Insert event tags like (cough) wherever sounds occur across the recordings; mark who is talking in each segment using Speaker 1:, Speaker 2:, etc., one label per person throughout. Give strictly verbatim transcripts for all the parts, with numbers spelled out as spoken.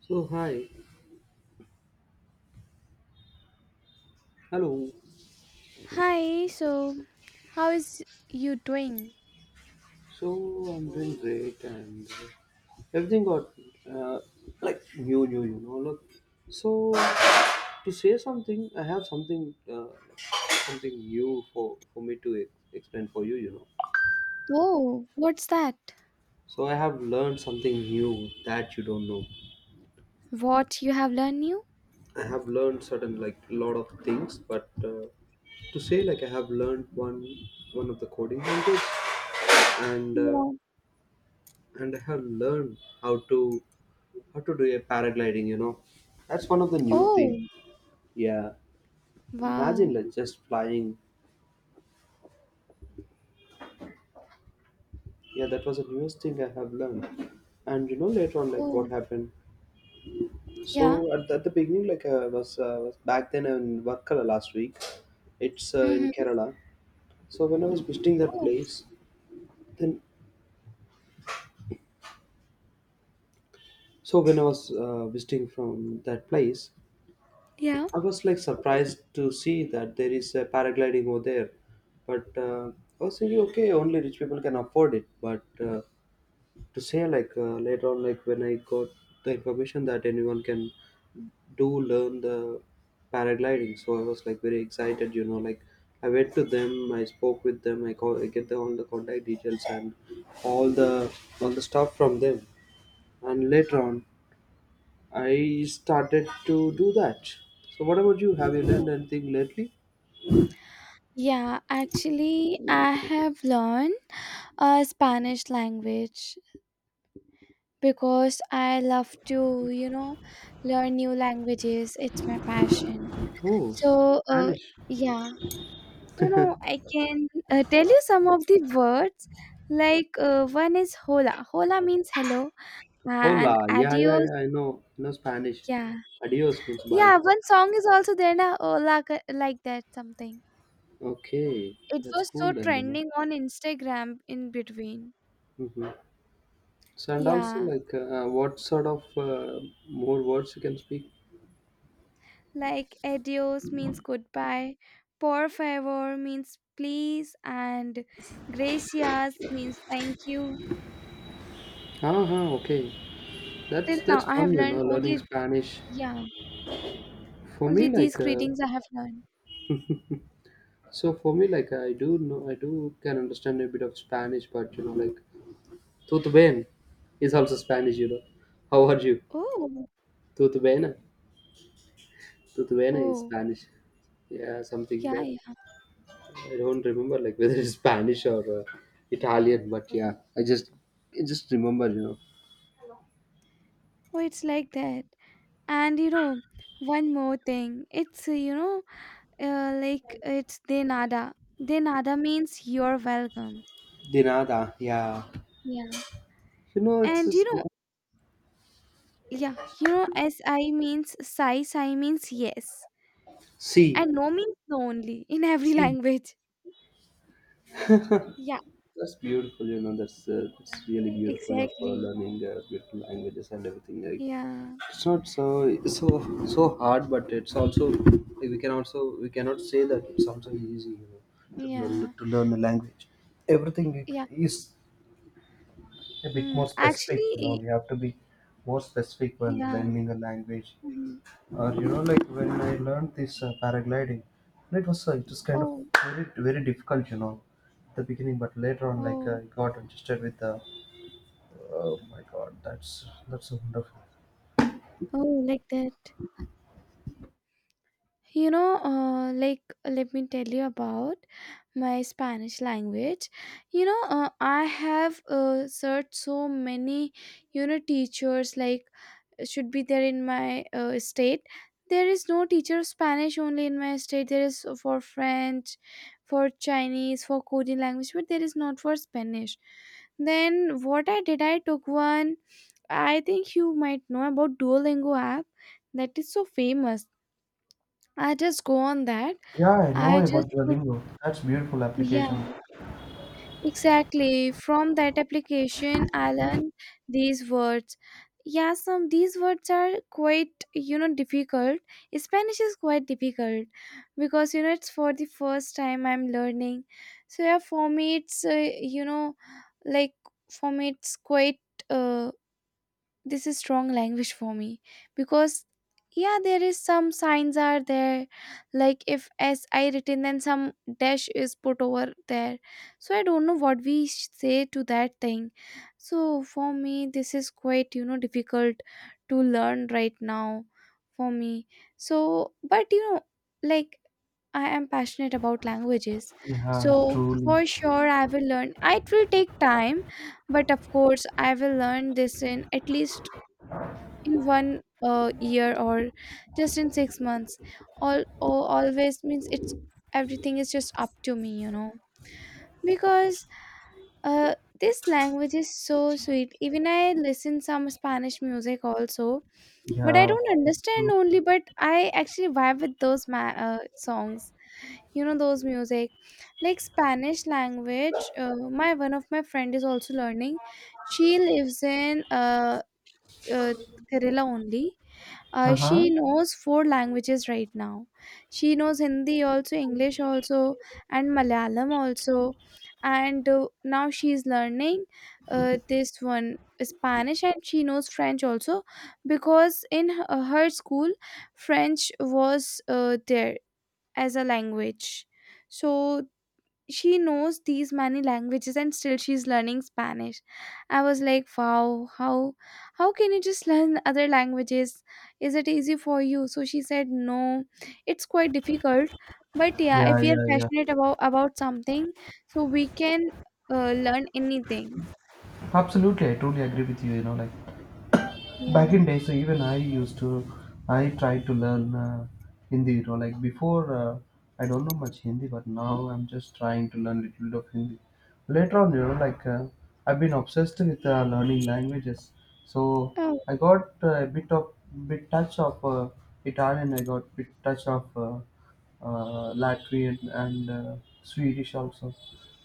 Speaker 1: So hi, hello.
Speaker 2: Hi, so how is you doing?
Speaker 1: So I'm doing great and uh, everything got uh, like new, new, you know. Look, so to say something, I have something, uh, something new for for me to e- explain for you, you know.
Speaker 2: Oh, what's that?
Speaker 1: So I have learned something new that you don't know.
Speaker 2: What you have learned new?
Speaker 1: I have learned certain like lot of things, but uh, to say like I have learned one one of the coding language and uh,
Speaker 2: Yeah.
Speaker 1: and I have learned how to how to do a paragliding, you know, that's one of the new thing.
Speaker 2: Oh,
Speaker 1: Yeah, imagine
Speaker 2: wow.
Speaker 1: like just flying. Yeah, that was the newest thing I have learned. And you know later on like
Speaker 2: Oh,
Speaker 1: what happened,
Speaker 2: yeah.
Speaker 1: so at the, at the beginning like i was, uh, was back then in Varkala last week. It's uh, in
Speaker 2: Mm-hmm.
Speaker 1: Kerala. So when I was visiting that
Speaker 2: Oh,
Speaker 1: place, then so when I was uh, visiting from that place,
Speaker 2: yeah.
Speaker 1: I was like surprised to see that there is a paragliding over there, but uh, I was thinking, okay, only rich people can afford it. But uh, to say like uh, later on, like when I got the information that anyone can do learn the paragliding, so I was like very excited. You know, like I went to them, I spoke with them, I call, I get the, all the contact details and all the all the stuff from them, and later on, I started to do that. So what about you? Have you learned
Speaker 2: Oh.
Speaker 1: anything lately?
Speaker 2: Yeah, actually, I have learned a Spanish language because I love to, you know, learn new languages. It's my passion.
Speaker 1: Oh,
Speaker 2: So, uh,
Speaker 1: Spanish.
Speaker 2: yeah. You know, I can uh, tell you some of the words. Like uh, one is hola. Hola means hello, and
Speaker 1: Hola. Yeah, yeah,
Speaker 2: adios.
Speaker 1: yeah. I know. I know Spanish.
Speaker 2: Yeah,
Speaker 1: Adios means bye.
Speaker 2: yeah. One song is also there na hola ka- like that something.
Speaker 1: Okay,
Speaker 2: It
Speaker 1: that's
Speaker 2: was
Speaker 1: cool
Speaker 2: so
Speaker 1: then, you know.
Speaker 2: trending on Instagram in between.
Speaker 1: hmm So, and also
Speaker 2: Yeah,
Speaker 1: like, uh, uh, what sort of uh, more words you can speak?
Speaker 2: like adios means goodbye, por favor means please, and gracias means thank you.
Speaker 1: Ah, ah, okay.
Speaker 2: Till
Speaker 1: That's
Speaker 2: now,
Speaker 1: that's
Speaker 2: I have
Speaker 1: fun, you know,
Speaker 2: learned
Speaker 1: learning
Speaker 2: only
Speaker 1: Spanish.
Speaker 2: yeah
Speaker 1: For
Speaker 2: only
Speaker 1: me,
Speaker 2: these
Speaker 1: like, uh,
Speaker 2: greetings I have learned.
Speaker 1: so for me, like, I do know, I do can understand a bit of Spanish, but you know, like, tudo bem is also Spanish, you know. How are you?
Speaker 2: Oh.
Speaker 1: Tudo bem? Tudo bem is
Speaker 2: Oh,
Speaker 1: Spanish. Yeah, something
Speaker 2: yeah,
Speaker 1: that
Speaker 2: yeah.
Speaker 1: I don't remember like whether it's Spanish or uh, Italian, but yeah, I just I just remember, you know.
Speaker 2: Oh, it's like that. And you know, one more thing. It's, uh, you know, uh, like it's de nada. De nada means you're welcome.
Speaker 1: De nada, yeah.
Speaker 2: Yeah.
Speaker 1: You know, it's
Speaker 2: And you
Speaker 1: just
Speaker 2: know,
Speaker 1: something.
Speaker 2: yeah, you know, S I means sai, sai means yes.
Speaker 1: See,
Speaker 2: And no means no only (laughs) in every
Speaker 1: see,
Speaker 2: language. Yeah,
Speaker 1: that's beautiful. You know, that's uh, it's really beautiful of uh,
Speaker 2: exactly.
Speaker 1: learning uh, beautiful languages and everything. Right?
Speaker 2: Yeah,
Speaker 1: It's not so so so hard, but it's also like, we can also we cannot say that it's also easy. You know, to, learn-
Speaker 2: yeah,
Speaker 1: to learn a language. Everything
Speaker 2: yeah.
Speaker 1: is a bit
Speaker 2: Hmm.
Speaker 1: more specific, you know,
Speaker 2: Actually,
Speaker 1: we have to be more specific when
Speaker 2: yeah.
Speaker 1: learning a language.
Speaker 2: Mhm.
Speaker 1: Or you know like when I learned this uh, paragliding, and it was uh, it was kind of
Speaker 2: Oh,
Speaker 1: very very difficult, you know, at the beginning. But later on, like, uh,
Speaker 2: oh,
Speaker 1: I got interested with the, oh my god, that's that's so wonderful.
Speaker 2: oh, like that. You know, uh, like, let me tell you about my Spanish language. You know, uh, I have uh, searched so many, you know, teachers like should be there in my uh, state. There is no teacher of Spanish only in my state. There is for French, for Chinese, for Korean language, but there is not for Spanish. Then what I did, I took one. I think you might know about Duolingo app that is so famous. I just go on that.
Speaker 1: Yeah, I know
Speaker 2: I just
Speaker 1: about
Speaker 2: put,
Speaker 1: Duolingo, that's beautiful application.
Speaker 2: yeah, exactly. From that application, I learned these words. Yeah, some these words are quite, you know, difficult. Spanish is quite difficult because, you know, it's for the first time I'm learning. So, yeah, for me, it's, uh, you know, like for me, it's quite, uh, this is strong language for me because yeah there is some signs are there, like if s I written then some dash is put over there, so I don't know what we sh- say to that thing. So for me this is quite, you know, difficult to learn right now for me. So but you know, like I am passionate about languages. So
Speaker 1: Yeah, truly.
Speaker 2: for sure I will learn, it will take time, but of course I will learn this in at least in one uh, year or just in six months. All, all always means it's everything is just up to me, you know. Because uh, this language is so sweet, even I listen some spanish music also. But I
Speaker 1: Yeah,
Speaker 2: don't understand
Speaker 1: true.
Speaker 2: only, but I actually vibe with those ma- uh, songs, you know, those music. Like spanish language, uh, my one of my friend is also learning. She lives in uh, uh, kerala only. Uh,
Speaker 1: Uh-huh.
Speaker 2: she knows four languages right now. She knows hindi also, english also, and malayalam also. And uh, now she's learning uh, this one, spanish. And she knows french also because in her, her school french was uh, there as a language. So she knows these many languages and still she's learning spanish. I was like, wow, how how can you just learn other languages, is it easy for you? So she said no, it's quite difficult. But yeah,
Speaker 1: Yeah,
Speaker 2: if we are
Speaker 1: yeah,
Speaker 2: passionate
Speaker 1: yeah.
Speaker 2: about about something, so we can uh, learn anything.
Speaker 1: Absolutely, I totally agree with you, you know, like
Speaker 2: Yeah.
Speaker 1: back in day. So even I used to, i tried to learn uh, Hindi, you know, like before, uh, I don't know much Hindi, but now I'm just trying to learn little bit of Hindi. Later on, you know, like, uh, I've been obsessed with uh, learning languages. So
Speaker 2: Oh.
Speaker 1: I got uh, a bit of bit touch of uh, Italian, I got bit touch of uh, uh, Latvian, and uh, Swedish also.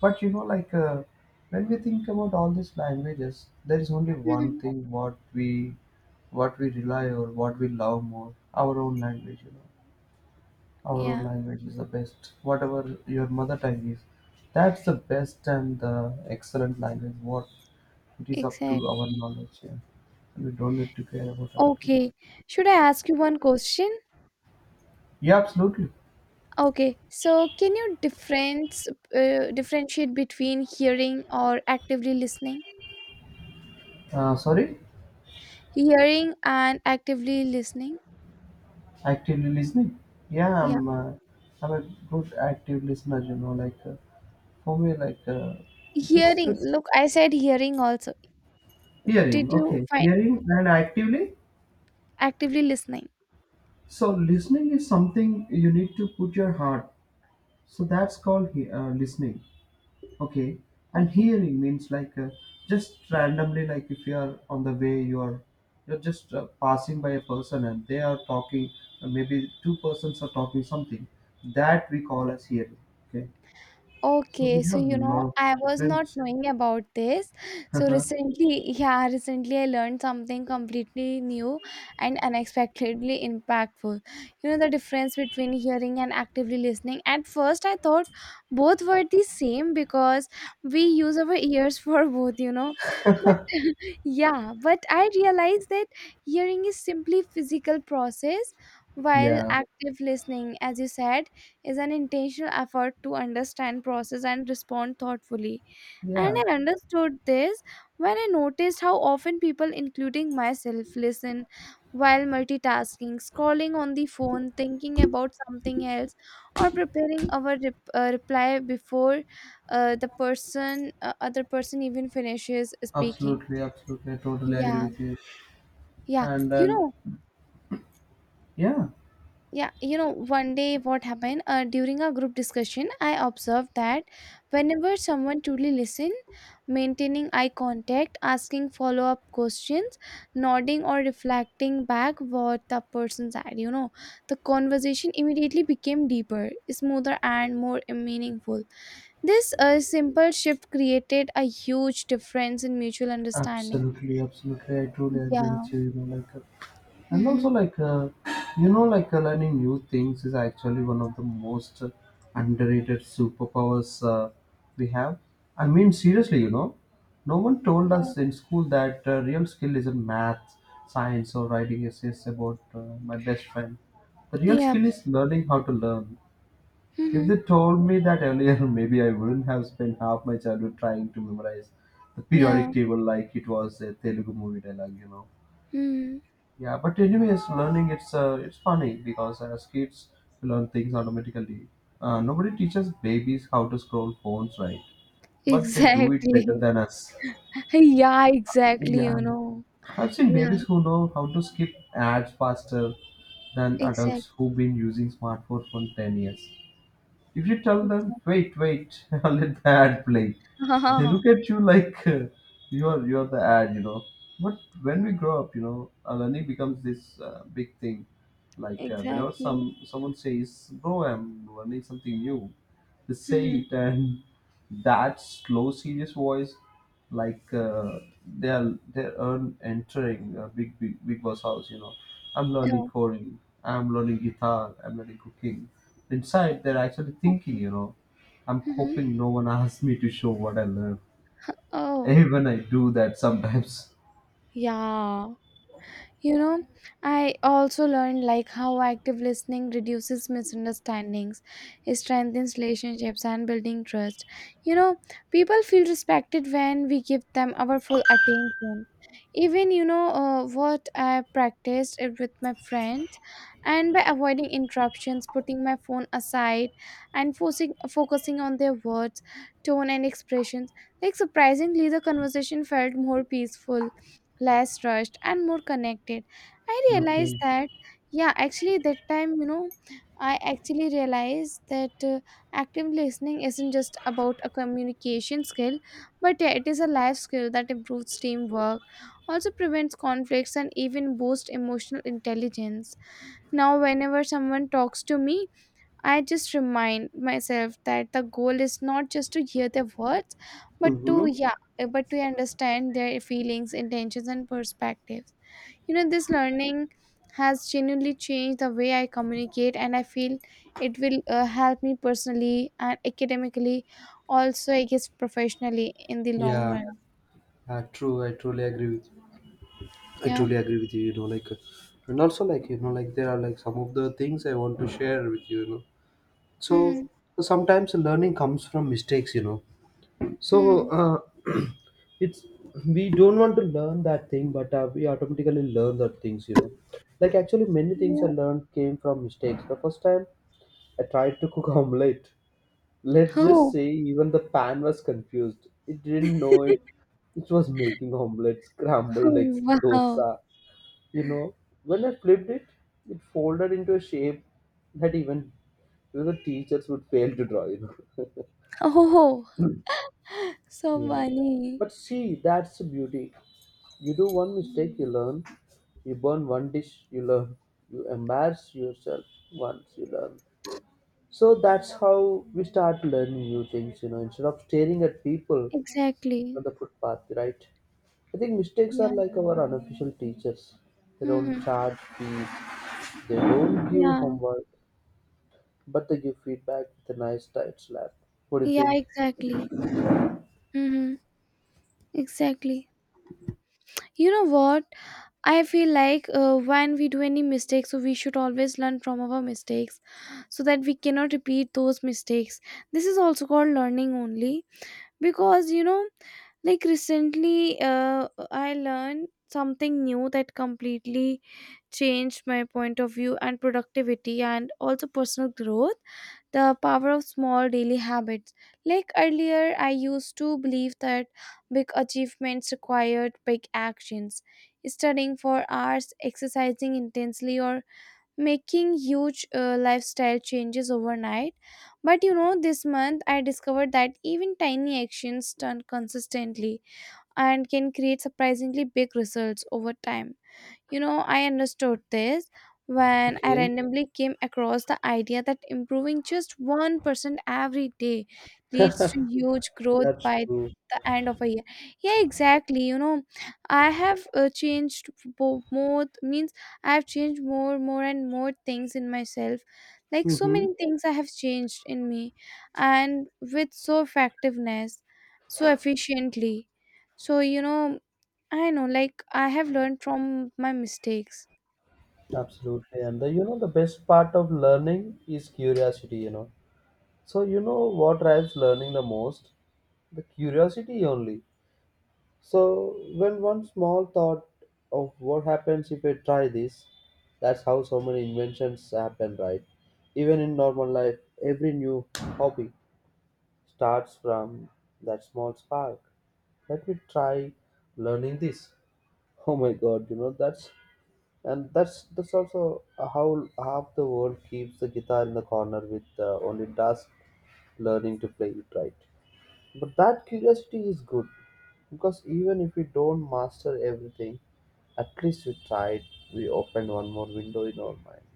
Speaker 1: But you know, like uh, when we think about all these languages, there is only one
Speaker 2: Mhm.
Speaker 1: thing what we what we rely or what we love more, our own language. You know, our own
Speaker 2: Yeah,
Speaker 1: language is the best. Whatever your mother tongue is, that's the best and the excellent language. What it is up to our
Speaker 2: exactly.
Speaker 1: knowledge. Yeah, we don't need to care about other things.
Speaker 2: Okay, should I ask you one question?
Speaker 1: Yeah, absolutely.
Speaker 2: Okay, so can you difference uh, differentiate between hearing or actively listening?
Speaker 1: Uh, sorry.
Speaker 2: Hearing and actively listening.
Speaker 1: Actively listening? Yeah,
Speaker 2: Yeah,
Speaker 1: I'm uh, I'm a good active listener. You know, like, uh, for me, like, uh, this
Speaker 2: hearing.
Speaker 1: this
Speaker 2: Look, I said hearing also.
Speaker 1: hearing.
Speaker 2: Did you
Speaker 1: Okay,
Speaker 2: find
Speaker 1: hearing and actively.
Speaker 2: actively listening?
Speaker 1: So listening is something you need to put your heart. So that's called he- uh, listening. Okay, and
Speaker 2: Okay.
Speaker 1: hearing means like, uh, just randomly, like if you are on the way, you are you're just uh, passing by a person and they are talking. Uh, maybe two persons are talking something. That we call as hearing. Okay. So
Speaker 2: Okay,
Speaker 1: we
Speaker 2: so
Speaker 1: have a
Speaker 2: you know,
Speaker 1: lot of
Speaker 2: I was not
Speaker 1: difference.
Speaker 2: knowing about this. So
Speaker 1: (laughs)
Speaker 2: recently, yeah, recently I learned something completely new and unexpectedly impactful. You know, the difference between hearing and actively listening. At first, I thought both were the same because we use our ears (laughs) for both, you know. But (laughs) yeah, but I realized that hearing is simply physical process, while
Speaker 1: Yeah.
Speaker 2: active listening, as you said, is an intentional effort to understand, process, and respond thoughtfully. And
Speaker 1: Yeah,
Speaker 2: I understood this when I noticed how often people, including myself, listen while multitasking, scrolling on the phone, thinking about something else, or preparing our rep- uh, reply before uh, the person, uh, other person, even finishes speaking.
Speaker 1: absolutely, absolutely. I totally agree
Speaker 2: Yeah,
Speaker 1: with you.
Speaker 2: yeah.
Speaker 1: And
Speaker 2: You
Speaker 1: then,
Speaker 2: know,
Speaker 1: yeah,
Speaker 2: yeah you know one day what happened uh, during a group discussion I observed that whenever someone truly listened, maintaining eye contact, asking follow-up questions, nodding or reflecting back what the person said, you know, the conversation immediately became deeper, smoother and more meaningful. This uh, simple shift created a huge difference in mutual understanding.
Speaker 1: absolutely, absolutely. I truly agree
Speaker 2: Yeah.
Speaker 1: with you. You know, like, uh, and also
Speaker 2: Mm-hmm.
Speaker 1: like, uh, you know, like, uh, learning new things is actually one of the most underrated superpowers uh, we have. I mean seriously, you know, no one told
Speaker 2: Yeah,
Speaker 1: us in school that uh, real skill isn't math, science, or writing essays about uh, my best friend. The real
Speaker 2: yeah.
Speaker 1: skill is learning how to learn. If
Speaker 2: Mm-hmm.
Speaker 1: they told me that earlier, (laughs) maybe I wouldn't have spent half my childhood trying to memorize the
Speaker 2: Yeah.
Speaker 1: periodic table like it was a Telugu movie dialogue, you know.
Speaker 2: Mm.
Speaker 1: Yeah, but anyways, learning, it's uh, it's funny because as kids we learn things automatically. Uh, nobody teaches babies how to scroll phones, right?
Speaker 2: (laughs)
Speaker 1: But they do it better
Speaker 2: Exactly.
Speaker 1: than us.
Speaker 2: (laughs) Yeah, exactly, you
Speaker 1: Yeah,
Speaker 2: know.
Speaker 1: I've seen
Speaker 2: Yeah,
Speaker 1: babies who know how to skip ads faster than adults
Speaker 2: exactly,
Speaker 1: who've been using smartphones for ten years. If you tell them,
Speaker 2: exactly.
Speaker 1: wait, wait, (laughs) let the ad play, they look
Speaker 2: (laughs)
Speaker 1: at you like (laughs) uh, you're you're the ad, you know. But when we grow up, you know, uh, learning becomes this uh, big thing. Like, uh, whenever
Speaker 2: Exactly.
Speaker 1: some someone says, "Bro, I'm learning something new," they say
Speaker 2: Mm-hmm.
Speaker 1: it, and (laughs) that slow, serious voice, like, uh, they are they are entering a big, big, big boss house. You know, I'm learning
Speaker 2: Oh,
Speaker 1: coding, I'm learning guitar, I'm learning cooking, inside they're actually thinking,
Speaker 2: okay.
Speaker 1: you know, I'm
Speaker 2: Mm-hmm.
Speaker 1: hoping no one asks me to show what I learned.
Speaker 2: Oh,
Speaker 1: Even I do that sometimes.
Speaker 2: yeah. You know, I also learned like how active listening reduces misunderstandings, it strengthens relationships and building trust. You know, people feel respected when we give them our full attention. Even you know uh, what I practiced it with my friends, and by avoiding interruptions, putting my phone aside, and focusing focusing on their words, tone, and expressions. Like surprisingly, the conversation felt more peaceful, less rushed and more connected. I realized
Speaker 1: Okay.
Speaker 2: that, yeah, actually that time, you know, I actually realized that uh, active listening isn't just about a communication skill, but yeah, it is a life skill that improves teamwork, also prevents conflicts and even boosts emotional intelligence. Now whenever someone talks to me, I just remind myself that the goal is not just to hear their words, but to
Speaker 1: Mm-hmm.
Speaker 2: yeah, uh, but to understand their feelings, intentions, and perspectives. You know, this learning has genuinely changed the way I communicate, and I feel it will uh, help me personally and academically, also I guess professionally in the long
Speaker 1: Yeah,
Speaker 2: run.
Speaker 1: uh, true. I truly agree with you. I
Speaker 2: Yeah.
Speaker 1: truly agree with you. You know, like, uh, and also like, you know, like there are like some of the things I want to share with you. You know,
Speaker 2: Hmm.
Speaker 1: so sometimes learning comes from mistakes. You know, so
Speaker 2: Hmm.
Speaker 1: uh, (clears throat) it's, we don't want to learn that thing, but uh, we automatically learn the things, you know. Like actually, many things I
Speaker 2: Yeah.
Speaker 1: learned came from mistakes. The first time I tried to cook (laughs) omelette, let's just
Speaker 2: Oh.
Speaker 1: say even the pan was confused. It didn't know it.
Speaker 2: (laughs)
Speaker 1: It was making omelette, scrambled
Speaker 2: Oh
Speaker 1: eggs,
Speaker 2: wow.
Speaker 1: dosa. You know, when I flipped it, it folded into a shape that even even the teachers would fail to draw. You know. (laughs)
Speaker 2: Oh, (laughs) so
Speaker 1: Yeah.
Speaker 2: funny.
Speaker 1: But see, that's the beauty. You do one mistake, you learn. You burn one dish, you learn. You embarrass yourself once, you learn. So that's how we start learning new things, you know, instead of staring at people
Speaker 2: Exactly.
Speaker 1: on the footpath, right? I think mistakes are
Speaker 2: Yeah.
Speaker 1: like our unofficial teachers. They don't
Speaker 2: Hmm.
Speaker 1: charge fees, they don't give
Speaker 2: Yeah,
Speaker 1: homework, but they give feedback with a nice tight slap. What do you
Speaker 2: yeah,
Speaker 1: think?
Speaker 2: exactly. Mm-hmm. Exactly. You know what? I feel like uh, when we do any mistakes, so we should always learn from our mistakes so that we cannot repeat those mistakes. This is also called learning only because you know, like recently, uh, I learned something new that completely changed my point of view and productivity and also personal growth. The power of small daily habits. Like earlier, I used to believe that big achievements required big actions. Studying for hours, exercising intensely, or making huge uh, lifestyle changes overnight. But you know, this month I discovered that even tiny actions done consistently and can create surprisingly big results over time. You know, I understood this when I
Speaker 1: Okay,
Speaker 2: randomly came across the idea that improving just one percent every day leads to huge growth
Speaker 1: that's
Speaker 2: by the end of a year. Yeah, exactly. You know, I have uh, changed bo- more, means I have changed more, more, and more things in myself. Like so
Speaker 1: true.
Speaker 2: many things I have changed in me, and with so effectiveness, so efficiently. So, you know, I know, like, I have learned from my mistakes.
Speaker 1: Absolutely. And the, you know, the best part of learning is curiosity, you know. So you know what drives learning the most? The curiosity only. So when one small thought of what happens if I try this, that's how so many inventions happen, right? Even in normal life, every new hobby starts from that small spark. Let me try learning this. Oh my god, you know, that's and that's that's also how half the world keeps the guitar in the corner with uh, only dust, learning to play it right. But that curiosity is good, because even if we don't master everything, at least we tried, we opened one more window in our mind.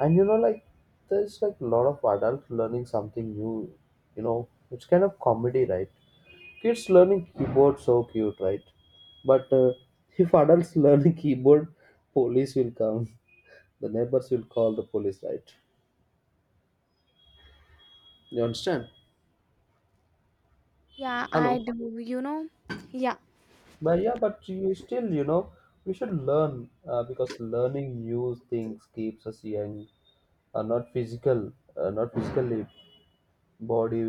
Speaker 1: And you know, like, there's like a lot of adults learning something new, you know, it's kind of comedy, right? Kids learning keyboard, so cute, right? But uh, if adults (laughs) learn keyboard, police will come, the neighbors will call the police, right? You understand?
Speaker 2: Yeah, I
Speaker 1: Hello.
Speaker 2: do, you know. Yeah.
Speaker 1: But yeah, but you still, you know, we should learn, uh, because learning new things keeps us young. Uh, not physical uh, not physically body,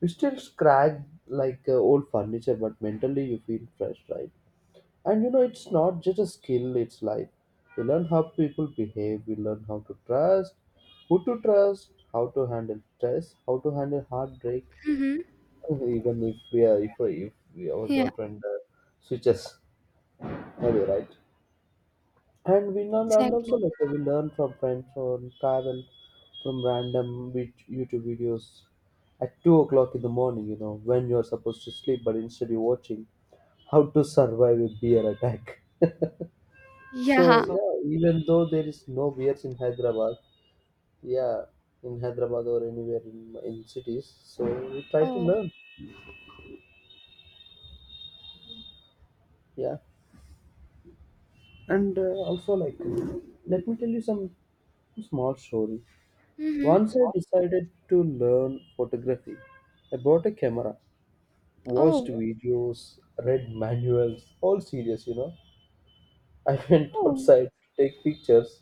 Speaker 1: we still scratch like uh, old furniture, but mentally you feel fresh, right? And you know, it's not just a skill, it's life. We learn how people behave, we learn how to trust, who to trust, how to handle stress, how to handle heartbreak.
Speaker 2: Mm-hmm.
Speaker 1: (laughs) Even if we are if, if we, our
Speaker 2: Yeah,
Speaker 1: girlfriend uh, switches, maybe, right? And we learn, and
Speaker 2: exactly.
Speaker 1: also like
Speaker 2: (laughs)
Speaker 1: we learn from friends or travel, from random vid- YouTube videos at two o'clock in the morning, you know, when you're supposed to sleep but instead you're watching how to survive a bear attack. (laughs) So
Speaker 2: Yeah. So-
Speaker 1: yeah, even though there is no bears in Hyderabad, yeah, in Hyderabad or anywhere in, in cities, so we try to
Speaker 2: Oh.
Speaker 1: learn. Yeah. And uh, also, like, let me tell you some small story.
Speaker 2: Mm-hmm.
Speaker 1: Once I decided to learn photography. I bought a camera, watched
Speaker 2: Oh.
Speaker 1: videos, read manuals, all serious, you know. I (laughs) went
Speaker 2: Oh.
Speaker 1: outside to take pictures.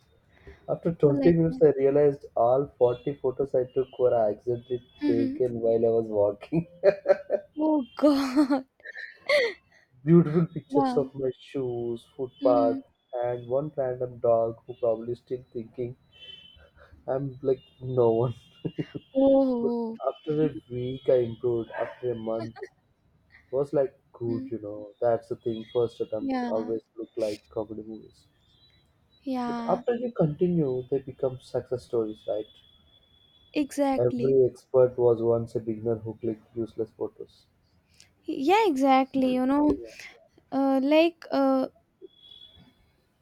Speaker 1: After twenty
Speaker 2: Like
Speaker 1: minutes,
Speaker 2: that.
Speaker 1: I realized all forty photos I took were accidentally
Speaker 2: Mm-hmm.
Speaker 1: taken while I was walking.
Speaker 2: Oh God. (laughs)
Speaker 1: (laughs) Beautiful pictures
Speaker 2: Wow.
Speaker 1: of my shoes,
Speaker 2: Mm-hmm.
Speaker 1: footpath, and one random dog who probably still thinking I'm like no one. But
Speaker 2: Oh.
Speaker 1: after a week, I improved. After a month, was like good,
Speaker 2: Mm.
Speaker 1: you know. That's the thing. First attempts
Speaker 2: Yeah.
Speaker 1: always look like comedy movies. But
Speaker 2: Yeah.
Speaker 1: after you continue, they become success stories, right?
Speaker 2: Exactly.
Speaker 1: Every expert was once a beginner who clicked useless photos.
Speaker 2: Yeah, exactly. You know,
Speaker 1: Yeah,
Speaker 2: uh, like uh,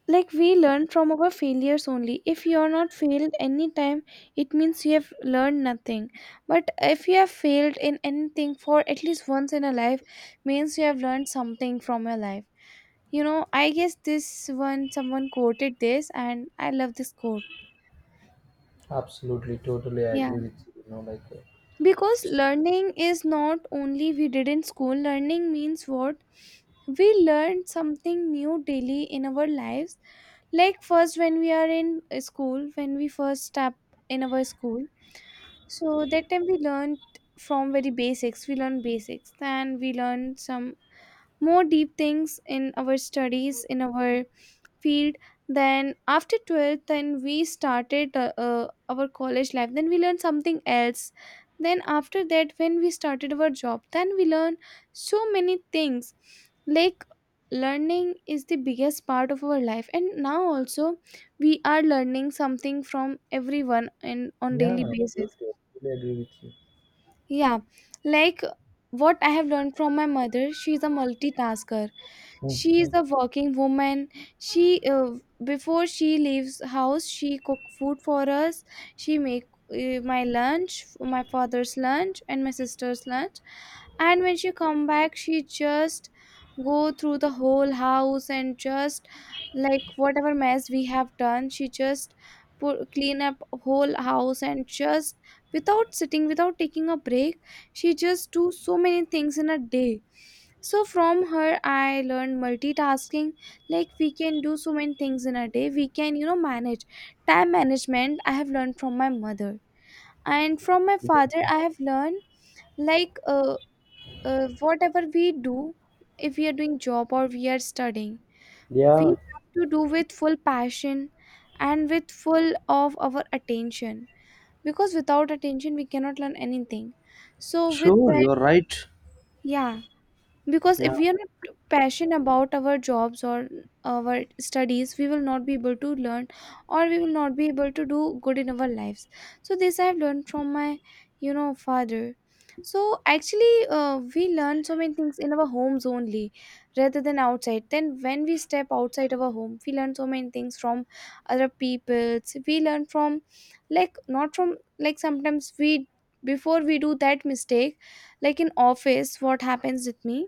Speaker 2: like we learn from our failures only. If you are not failed any time, it means you have learned nothing. But if you have failed in anything for at least once in a life, means you have learned something from your life. You know, I guess this one someone quoted this and I love this quote.
Speaker 1: absolutely, totally I
Speaker 2: Yeah,
Speaker 1: agree with you. You know, like, uh,
Speaker 2: because learning is not only we did in school. Learning means what, we learn something new daily in our lives. Like first, when we are in uh, school, when we first step in our school, so that time we learned from very basics, we learn basics, then we learn some more deep things in our studies, in our field. Then after twelfth then we started uh, uh, our college life, then we learned something else. Then after that, when we started our job, then we learn so many things. Like learning is the biggest part of our life, and now also we are learning something from everyone and on
Speaker 1: yeah,
Speaker 2: daily basis.
Speaker 1: absolutely, I totally agree with you.
Speaker 2: Yeah, like what I have learned from my mother. She is a multitasker, she is
Speaker 1: Mhm.
Speaker 2: a working woman. She uh, before she leaves house, she cook food for us. She make uh, my lunch, my father's lunch and my sister's lunch. And when she come back, she just go through the whole house and just, like whatever mess we have done, she just put, clean up whole house and just, without sitting, without taking a break, she just do so many things in a day. So from her I learned multitasking. Like we can do so many things in a day, we can, you know, manage. Time management I have learned from my mother. And from my father I have learned, like uh, uh, whatever we do, if we are doing job or we are studying, we
Speaker 1: Yeah,
Speaker 2: have to do with full passion and with full of our attention, because without attention we cannot learn anything. So with
Speaker 1: sure,
Speaker 2: that,
Speaker 1: you're right.
Speaker 2: yeah, because if
Speaker 1: Yeah.
Speaker 2: we are not passionate about our jobs or our studies, we will not be able to learn, or we will not be able to do good in our lives. So this I have learned from my, you know, father. So actually uh, we learn so many things in our homes only, rather than outside. Then when we step outside our home, we learn so many things from other peoples. We learn from, like not from, like sometimes we, before we do that mistake, like in office what happens with me,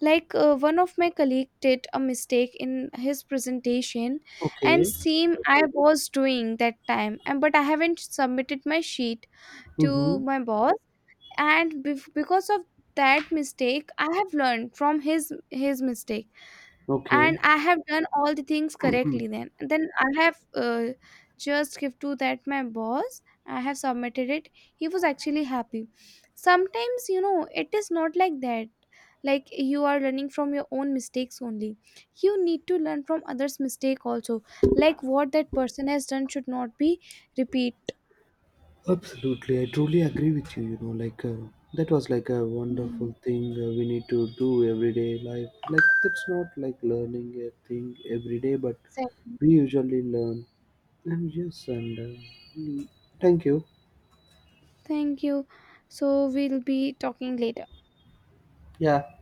Speaker 2: like uh, one of my colleague did a mistake in his presentation, and
Speaker 1: Okay.
Speaker 2: same I was doing that time, and but I haven't submitted my sheet to
Speaker 1: Mm-hmm.
Speaker 2: my boss. And bef- because of that mistake I have learned from his his mistake, and
Speaker 1: Okay.
Speaker 2: I have done all the things correctly. then then I have uh, just give to that my boss, I have submitted it. He was actually happy. Sometimes you know it is not like that, like you are learning from your own mistakes only, you need to learn from others mistake also. Like what that person has done should not be repeat.
Speaker 1: Absolutely, I truly agree with you. You know, like, uh, that was like a
Speaker 2: Mm.
Speaker 1: wonderful thing uh, we need to do everyday life. Like that's not like learning a thing every day, but
Speaker 2: Exactly.
Speaker 1: we usually learn. And yes, and uh, thank you.
Speaker 2: Thank you. So we'll be talking later.
Speaker 1: Yeah,